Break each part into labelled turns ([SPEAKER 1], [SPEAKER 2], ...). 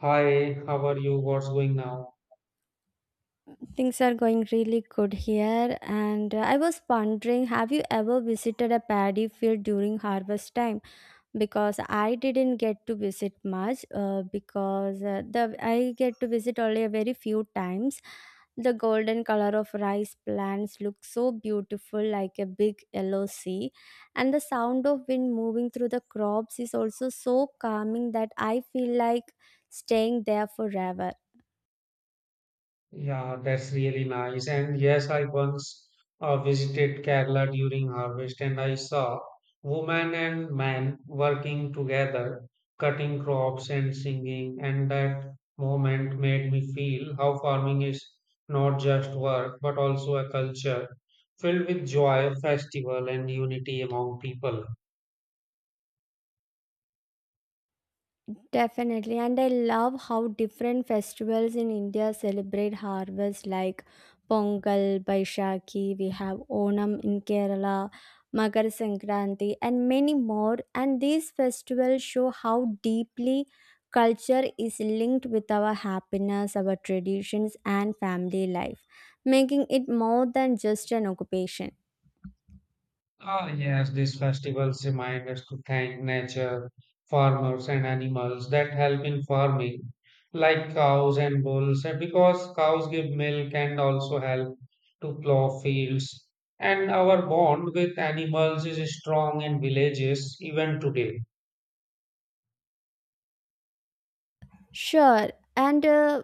[SPEAKER 1] Hi, how are you? What's going now?
[SPEAKER 2] Things are going really good here, and I was wondering, have you ever visited a paddy field during harvest time? Because I didn't get to visit much, because the I get to visit only a very few times. The golden color of rice plants looks so beautiful, like a big yellow sea, and the sound of wind moving through the crops is also so calming that I feel like staying there forever.
[SPEAKER 1] Yeah, that's really nice. And yes, I once visited Kerala during harvest and I saw women and men working together, cutting crops and singing. And that moment made me feel how farming is not just work, but also a culture filled with joy, festival, and unity among people.
[SPEAKER 2] Definitely, and I love how different festivals in India celebrate harvest like Pongal, Baishakhi, we have Onam in Kerala, Makar Sankranti, and many more. And these festivals show how deeply culture is linked with our happiness, our traditions, and family life, making it more than just an occupation.
[SPEAKER 1] Ah, yes, these festivals remind us to thank nature, farmers, and animals that help in farming, like cows and bulls, and because cows give milk and also help to plow fields. And our bond with animals is strong in villages even today.
[SPEAKER 2] Sure, and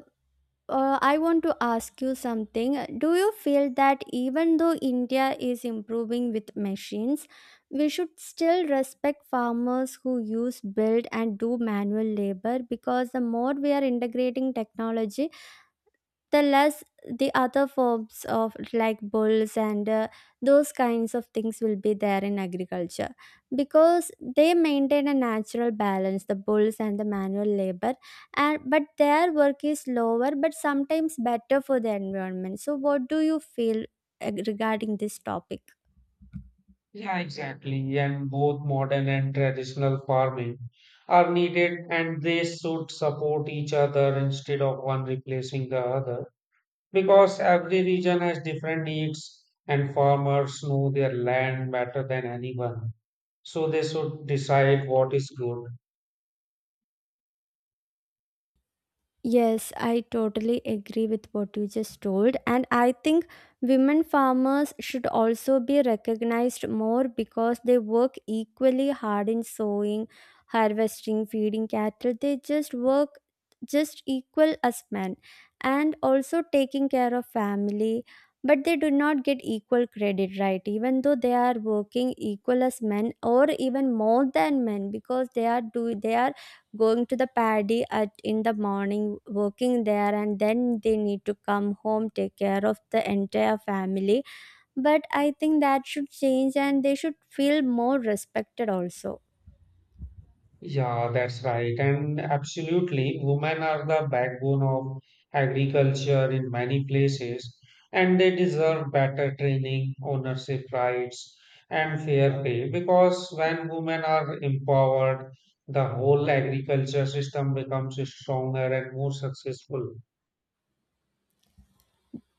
[SPEAKER 2] I want to ask you something. Do you feel that even though India is improving with machines, we should still respect farmers who use, build, and do manual labor? Because the more we are integrating technology, the less the other forms of like bulls and those kinds of things will be there in agriculture, because they maintain a natural balance, the bulls and the manual labor. And but their work is lower but sometimes better for the environment. So what do you feel regarding this topic?
[SPEAKER 1] Yeah, exactly. And both modern and traditional farming are needed, and they should support each other instead of one replacing the other. Because every region has different needs and farmers know their land better than anyone. So they should decide what is good.
[SPEAKER 2] Yes, I totally agree with what you just told. And I think women farmers should also be recognized more because they work equally hard in sowing, harvesting, feeding cattle. They just work just equal as men, and also taking care of family. But they do not get equal credit, right? Even though they are working equal as men or even more than men, because they are do they are going to the paddy at in the morning, working there, and then they need to come home, take care of the entire family. But I think that should change and they should feel more respected also.
[SPEAKER 1] Yeah, that's right. And absolutely, women are the backbone of agriculture in many places, and they deserve better training, ownership rights, and fair pay because when women are empowered, the whole agriculture system becomes stronger and more successful.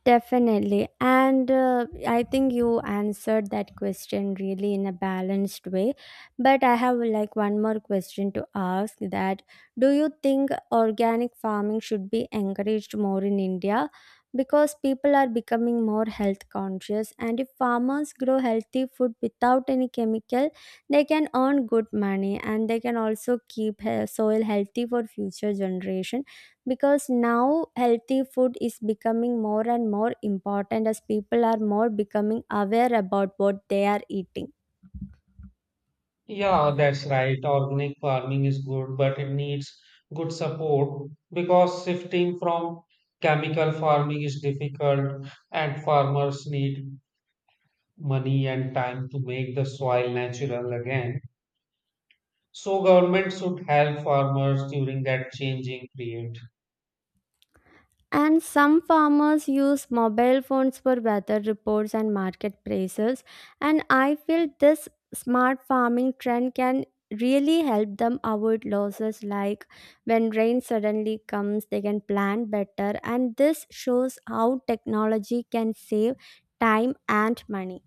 [SPEAKER 2] Definitely. And I think you answered that question really in a balanced way. But I have like one more question to ask, that do you think organic farming should be encouraged more in India? Because people are becoming more health conscious, and if farmers grow healthy food without any chemical, they can earn good money and they can also keep soil healthy for future generation, because now healthy food is becoming more and more important as people are more becoming aware about what they are eating.
[SPEAKER 1] Yeah, that's right. Organic farming is good, but it needs good support because shifting from chemical farming is difficult, and farmers need money and time to make the soil natural again. So government should help farmers during that changing period.
[SPEAKER 2] And some farmers use mobile phones for weather reports and market prices, and I feel this smart farming trend can really help them avoid losses, like when rain suddenly comes they can plan better, and this shows how technology can save time and money.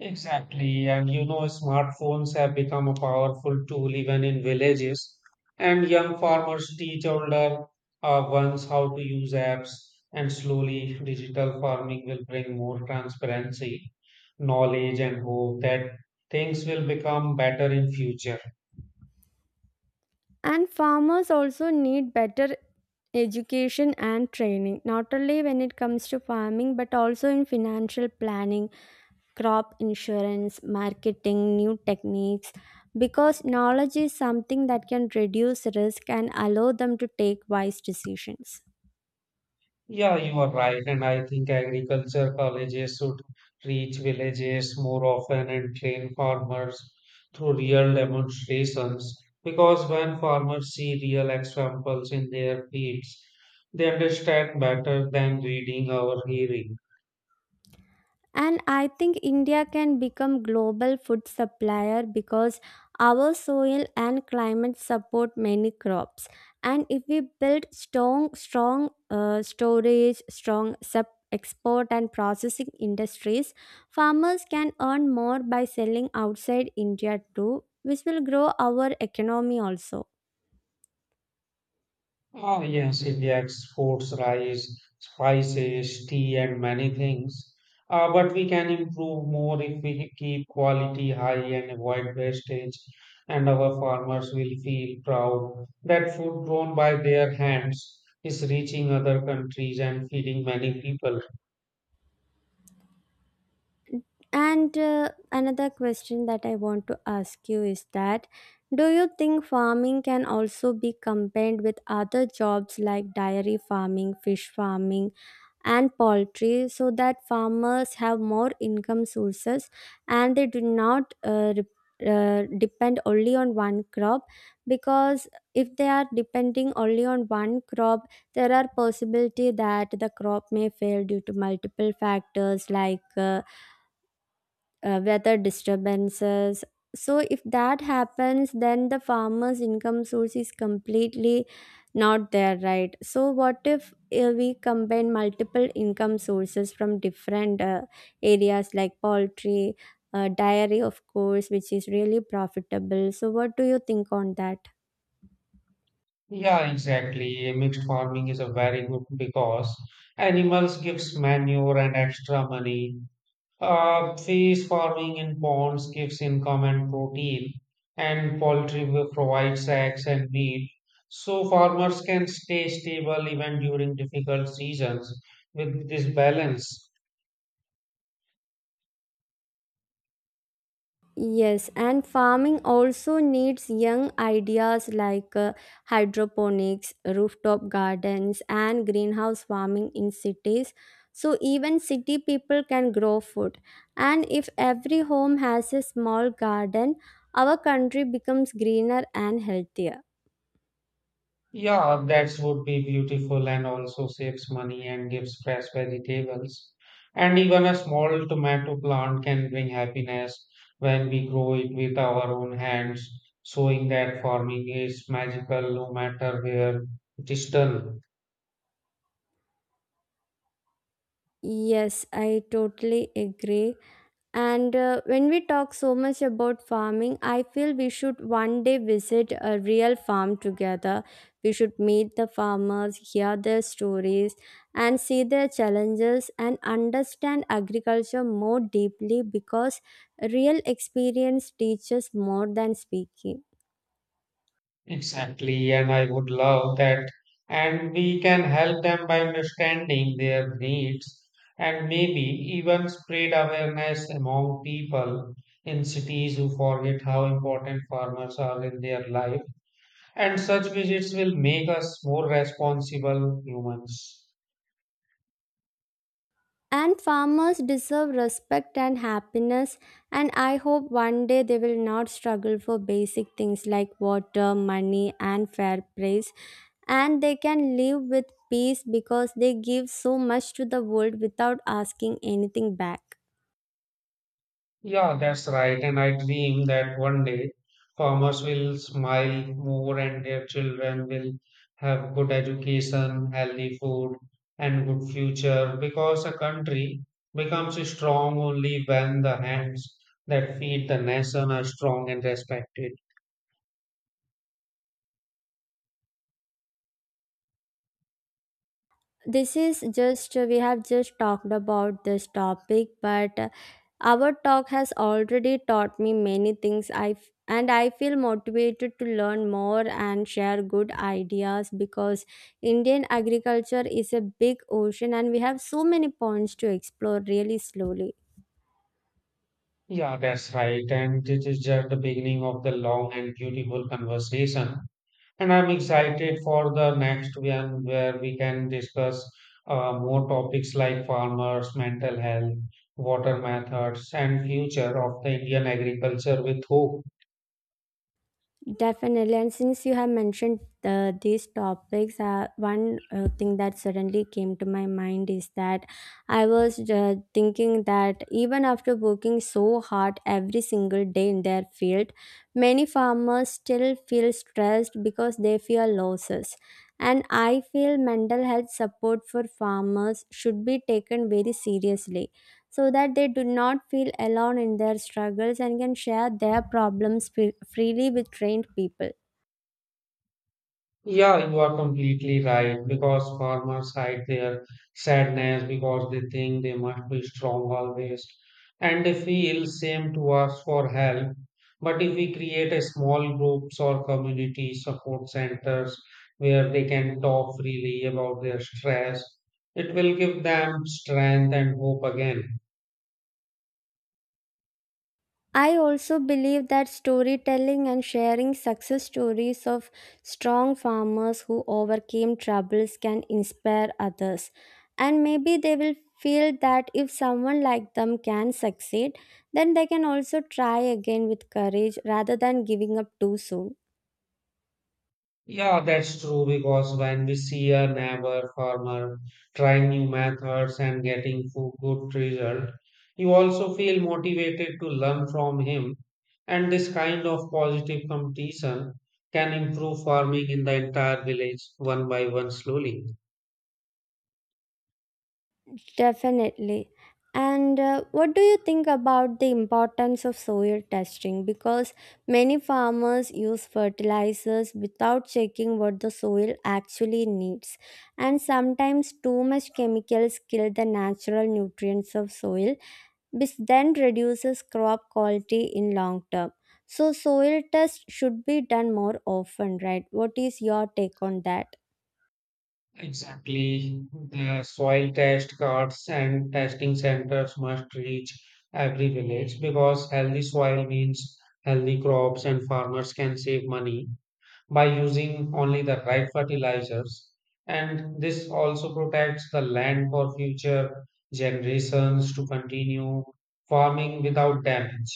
[SPEAKER 1] Exactly, and you know, smartphones have become a powerful tool even in villages. And young farmers teach older ones how to use apps, and slowly, digital farming will bring more transparency, knowledge, and hope that things will become better in future.
[SPEAKER 2] And farmers also need better education and training, not only when it comes to farming, but also in financial planning, crop insurance, marketing, new techniques. Because knowledge is something that can reduce risk and allow them to take wise decisions.
[SPEAKER 1] Yeah, you are right. And I think agriculture colleges should reach villages more often and train farmers through real demonstrations. Because when farmers see real examples in their fields, they understand better than reading or hearing.
[SPEAKER 2] And I think India can become global food supplier because our soil and climate support many crops. And if we build strong, storage, strong sub export and processing industries, farmers can earn more by selling outside India too, which will grow our economy also.
[SPEAKER 1] Ah, yes, India exports rice, spices, tea, and many things. But we can improve more if we keep quality high and avoid wastage, and our farmers will feel proud that food grown by their hands is reaching other countries and feeding many people.
[SPEAKER 2] And another question that I want to ask you is that, do you think farming can also be combined with other jobs like dairy farming, fish farming, and poultry, so that farmers have more income sources and they do not depend only on one crop? Because if they are depending only on one crop, there are possibility that the crop may fail due to multiple factors like weather disturbances. So if that happens, then the farmer's income source is completely not there, right? So what if we combine multiple income sources from different areas like poultry, dairy, of course, which is really profitable. So what do you think on that?
[SPEAKER 1] Yeah, exactly. Mixed farming is a very good because animals gives manure and extra money. Fish farming in ponds gives income and protein, and poultry will provide eggs and meat. So farmers can stay stable even during difficult seasons with this balance.
[SPEAKER 2] Yes, and farming also needs young ideas like hydroponics, rooftop gardens, and greenhouse farming in cities. So even city people can grow food. And if every home has a small garden, our country becomes greener and healthier.
[SPEAKER 1] Yeah, that would be beautiful and also saves money and gives fresh vegetables. And even a small tomato plant can bring happiness when we grow it with our own hands, showing that farming is magical no matter where it is done.
[SPEAKER 2] Yes, I totally agree. And when we talk so much about farming, I feel we should one day visit a real farm together. We should meet the farmers, hear their stories, and see their challenges, and understand agriculture more deeply, because real experience teaches more than speaking.
[SPEAKER 1] Exactly, and I would love that. And we can help them by understanding their needs and maybe even spread awareness among people in cities who forget how important farmers are in their life. And such visits will make us more responsible humans.
[SPEAKER 2] And farmers deserve respect and happiness, and I hope one day they will not struggle for basic things like water, money, and fair price, and they can live with peace, because they give so much to the world without asking anything back.
[SPEAKER 1] Yeah, that's right. And I dream that one day farmers will smile more and their children will have good education, healthy food, and good future because a country becomes strong only when the hands that feed the nation are strong and respected.
[SPEAKER 2] This is just we have just talked about this topic, but our talk has already taught me many things, and I feel motivated to learn more and share good ideas, because Indian agriculture is a big ocean and we have so many points to explore, really slowly.
[SPEAKER 1] Yeah, that's right. And this is just the beginning of the long and beautiful conversation. And I'm excited for the next one where we can discuss more topics like farmers, mental health, water methods, and future of the Indian agriculture with hope.
[SPEAKER 2] Definitely. And since you have mentioned these topics, one thing that suddenly came to my mind is that I was thinking that even after working so hard every single day in their field, many farmers still feel stressed because they fear losses. And I feel mental health support for farmers should be taken very seriously so that they do not feel alone in their struggles and can share their problems freely with trained people.
[SPEAKER 1] Yeah, you are completely right because farmers hide their sadness because they think they must be strong always and they feel shame to ask for help. But if we create a small groups or community support centers where they can talk freely about their stress, it will give them strength and hope again.
[SPEAKER 2] I also believe that storytelling and sharing success stories of strong farmers who overcame troubles can inspire others. And maybe they will feel that if someone like them can succeed, then they can also try again with courage rather than giving up too soon.
[SPEAKER 1] Yeah, that's true because when we see a neighbor farmer trying new methods and getting good result, you also feel motivated to learn from him. And this kind of positive competition can improve farming in the entire village one by one slowly.
[SPEAKER 2] Definitely. And what do you think about the importance of soil testing? Because many farmers use fertilizers without checking what the soil actually needs. And sometimes too much chemicals kill the natural nutrients of soil, which then reduces crop quality in long term. So soil tests should be done more often, right? What is your take on that?
[SPEAKER 1] Exactly. The soil test cards and testing centers must reach every village because healthy soil means healthy crops and farmers can save money by using only the right fertilizers. And this also protects the land for future generations to continue farming without damage.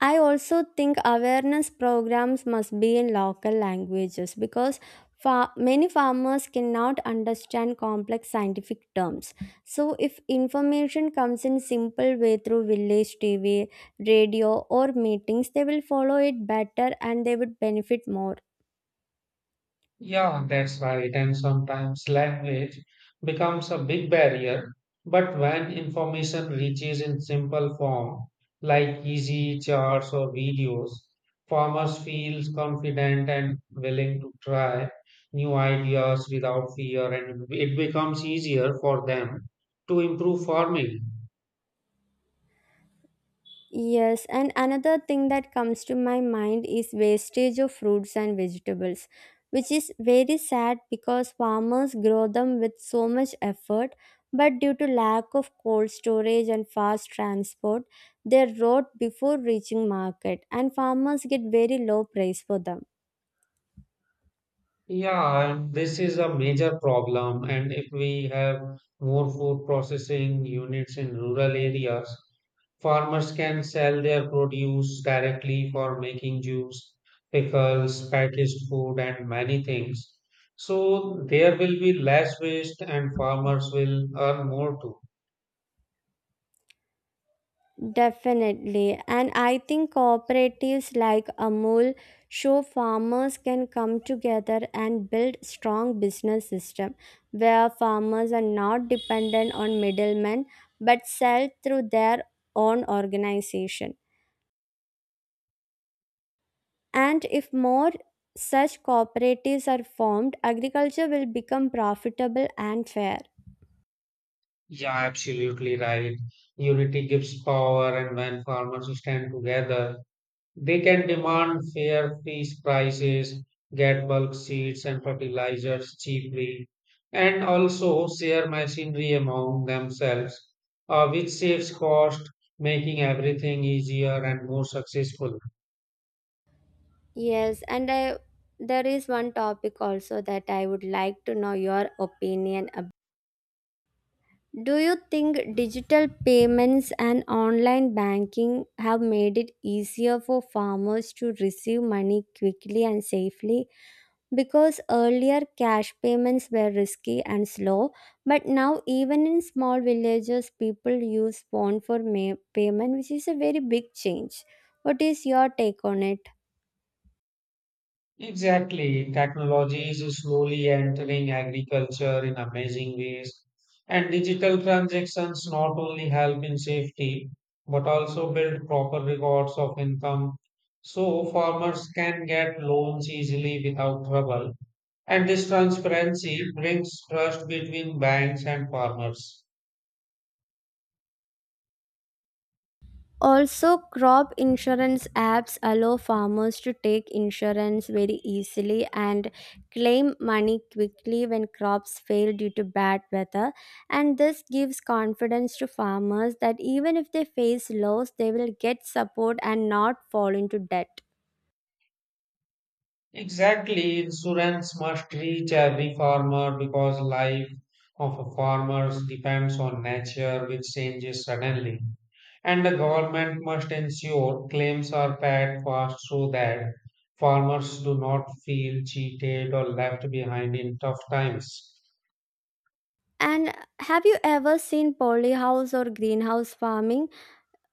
[SPEAKER 2] I also think awareness programs must be in local languages, because many farmers cannot understand complex scientific terms. So if information comes in simple way through village TV, radio, or meetings, they will follow it better and they would benefit more.
[SPEAKER 1] Yeah, that's right. And sometimes language becomes a big barrier. But when information reaches in simple form, like easy charts or videos, farmers feel confident and willing to try new ideas without fear, and it becomes easier for them to improve farming.
[SPEAKER 2] Yes, and another thing that comes to my mind is wastage of fruits and vegetables, which is very sad because farmers grow them with so much effort, but due to lack of cold storage and fast transport, they rot before reaching market, and farmers get very low price for them.
[SPEAKER 1] Yeah, and this is a major problem. And if we have more food processing units in rural areas, farmers can sell their produce directly for making juice, pickles, packaged food, and many things. So there will be less waste and farmers will earn more too.
[SPEAKER 2] Definitely. And I think cooperatives like Amul show farmers can come together and build strong business system where farmers are not dependent on middlemen but sell through their own organization. And if more such cooperatives are formed, agriculture will become profitable and fair.
[SPEAKER 1] Yeah, absolutely right. Unity gives power, and when farmers stand together, they can demand fair fees prices, get bulk seeds and fertilizers cheaply, and also share machinery among themselves, which saves cost, making everything easier and more successful.
[SPEAKER 2] Yes, and I there is one topic also that I would like to know your opinion about. Do you think digital payments and online banking have made it easier for farmers to receive money quickly and safely? Because earlier cash payments were risky and slow, but now even in small villages, people use phone for payment, which is a very big change. What is your take on it?
[SPEAKER 1] Exactly. Technology is slowly entering agriculture in amazing ways. And digital transactions not only help in safety, but also build proper records of income. So farmers can get loans easily without trouble. And this transparency brings trust between banks and farmers.
[SPEAKER 2] Also, crop insurance apps allow farmers to take insurance very easily and claim money quickly when crops fail due to bad weather. And this gives confidence to farmers that even if they face loss, they will get support and not fall into debt.
[SPEAKER 1] Exactly, insurance must reach every farmer because life of a farmer depends on nature which changes suddenly. And the government must ensure claims are paid fast so that farmers do not feel cheated or left behind in tough times.
[SPEAKER 2] And have you ever seen polyhouse or greenhouse farming?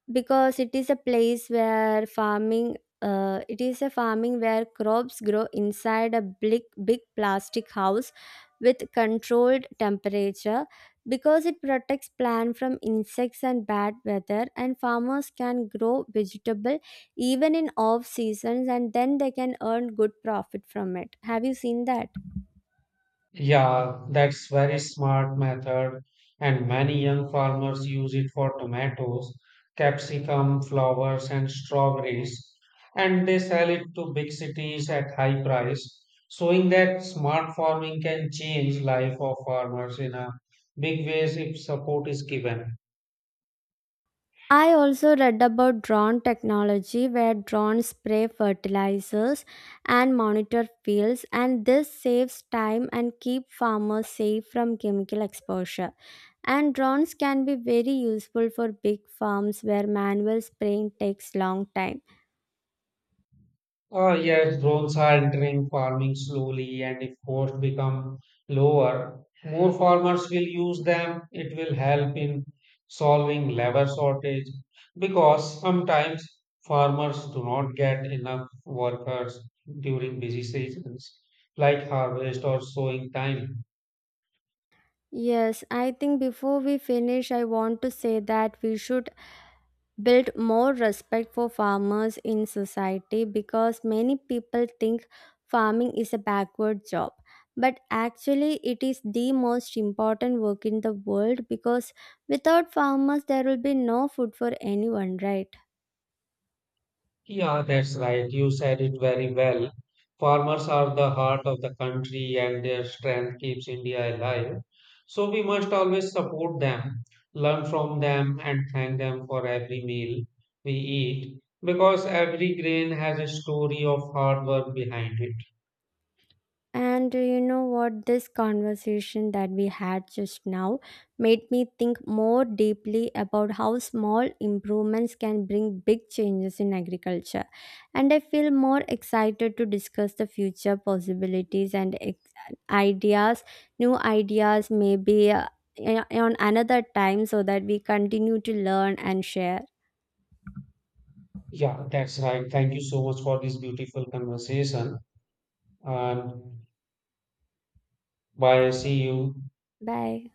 [SPEAKER 2] Because it is a place where farming it is a farming where crops grow inside a big, big plastic house with controlled temperature, because it protects plant from insects and bad weather, and farmers can grow vegetable even in off seasons, and then they can earn good profit from it. Have you seen that?
[SPEAKER 1] Yeah, that's very smart method and many young farmers use it for tomatoes, capsicum, flowers and strawberries and they sell it to big cities at high price, showing that smart farming can change life of farmers in a big ways if support is given.
[SPEAKER 2] I also read about drone technology where drones spray fertilizers and monitor fields, and this saves time and keep farmers safe from chemical exposure. And drones can be very useful for big farms where manual spraying takes long time.
[SPEAKER 1] Yes, drones are entering farming slowly, and if costs become lower, more farmers will use them. It will help in solving labor shortage because sometimes farmers do not get enough workers during busy seasons like harvest or sowing time.
[SPEAKER 2] Yes, I think before we finish, I want to say that we should build more respect for farmers in society, because many people think farming is a backward job. But actually, it is the most important work in the world, because without farmers, there will be no food for anyone, right?
[SPEAKER 1] Yeah, that's right. You said it very well. Farmers are the heart of the country and their strength keeps India alive. So we must always support them, learn from them, and thank them for every meal we eat because every grain has a story of hard work behind it.
[SPEAKER 2] And you know what? This conversation that we had just now made me think more deeply about how small improvements can bring big changes in agriculture. And I feel more excited to discuss the future possibilities and ideas, new ideas, maybe on another time, so that we continue to learn and share.
[SPEAKER 1] Yeah, that's right. Thank you so much for this beautiful conversation. And bye. See you.
[SPEAKER 2] Bye.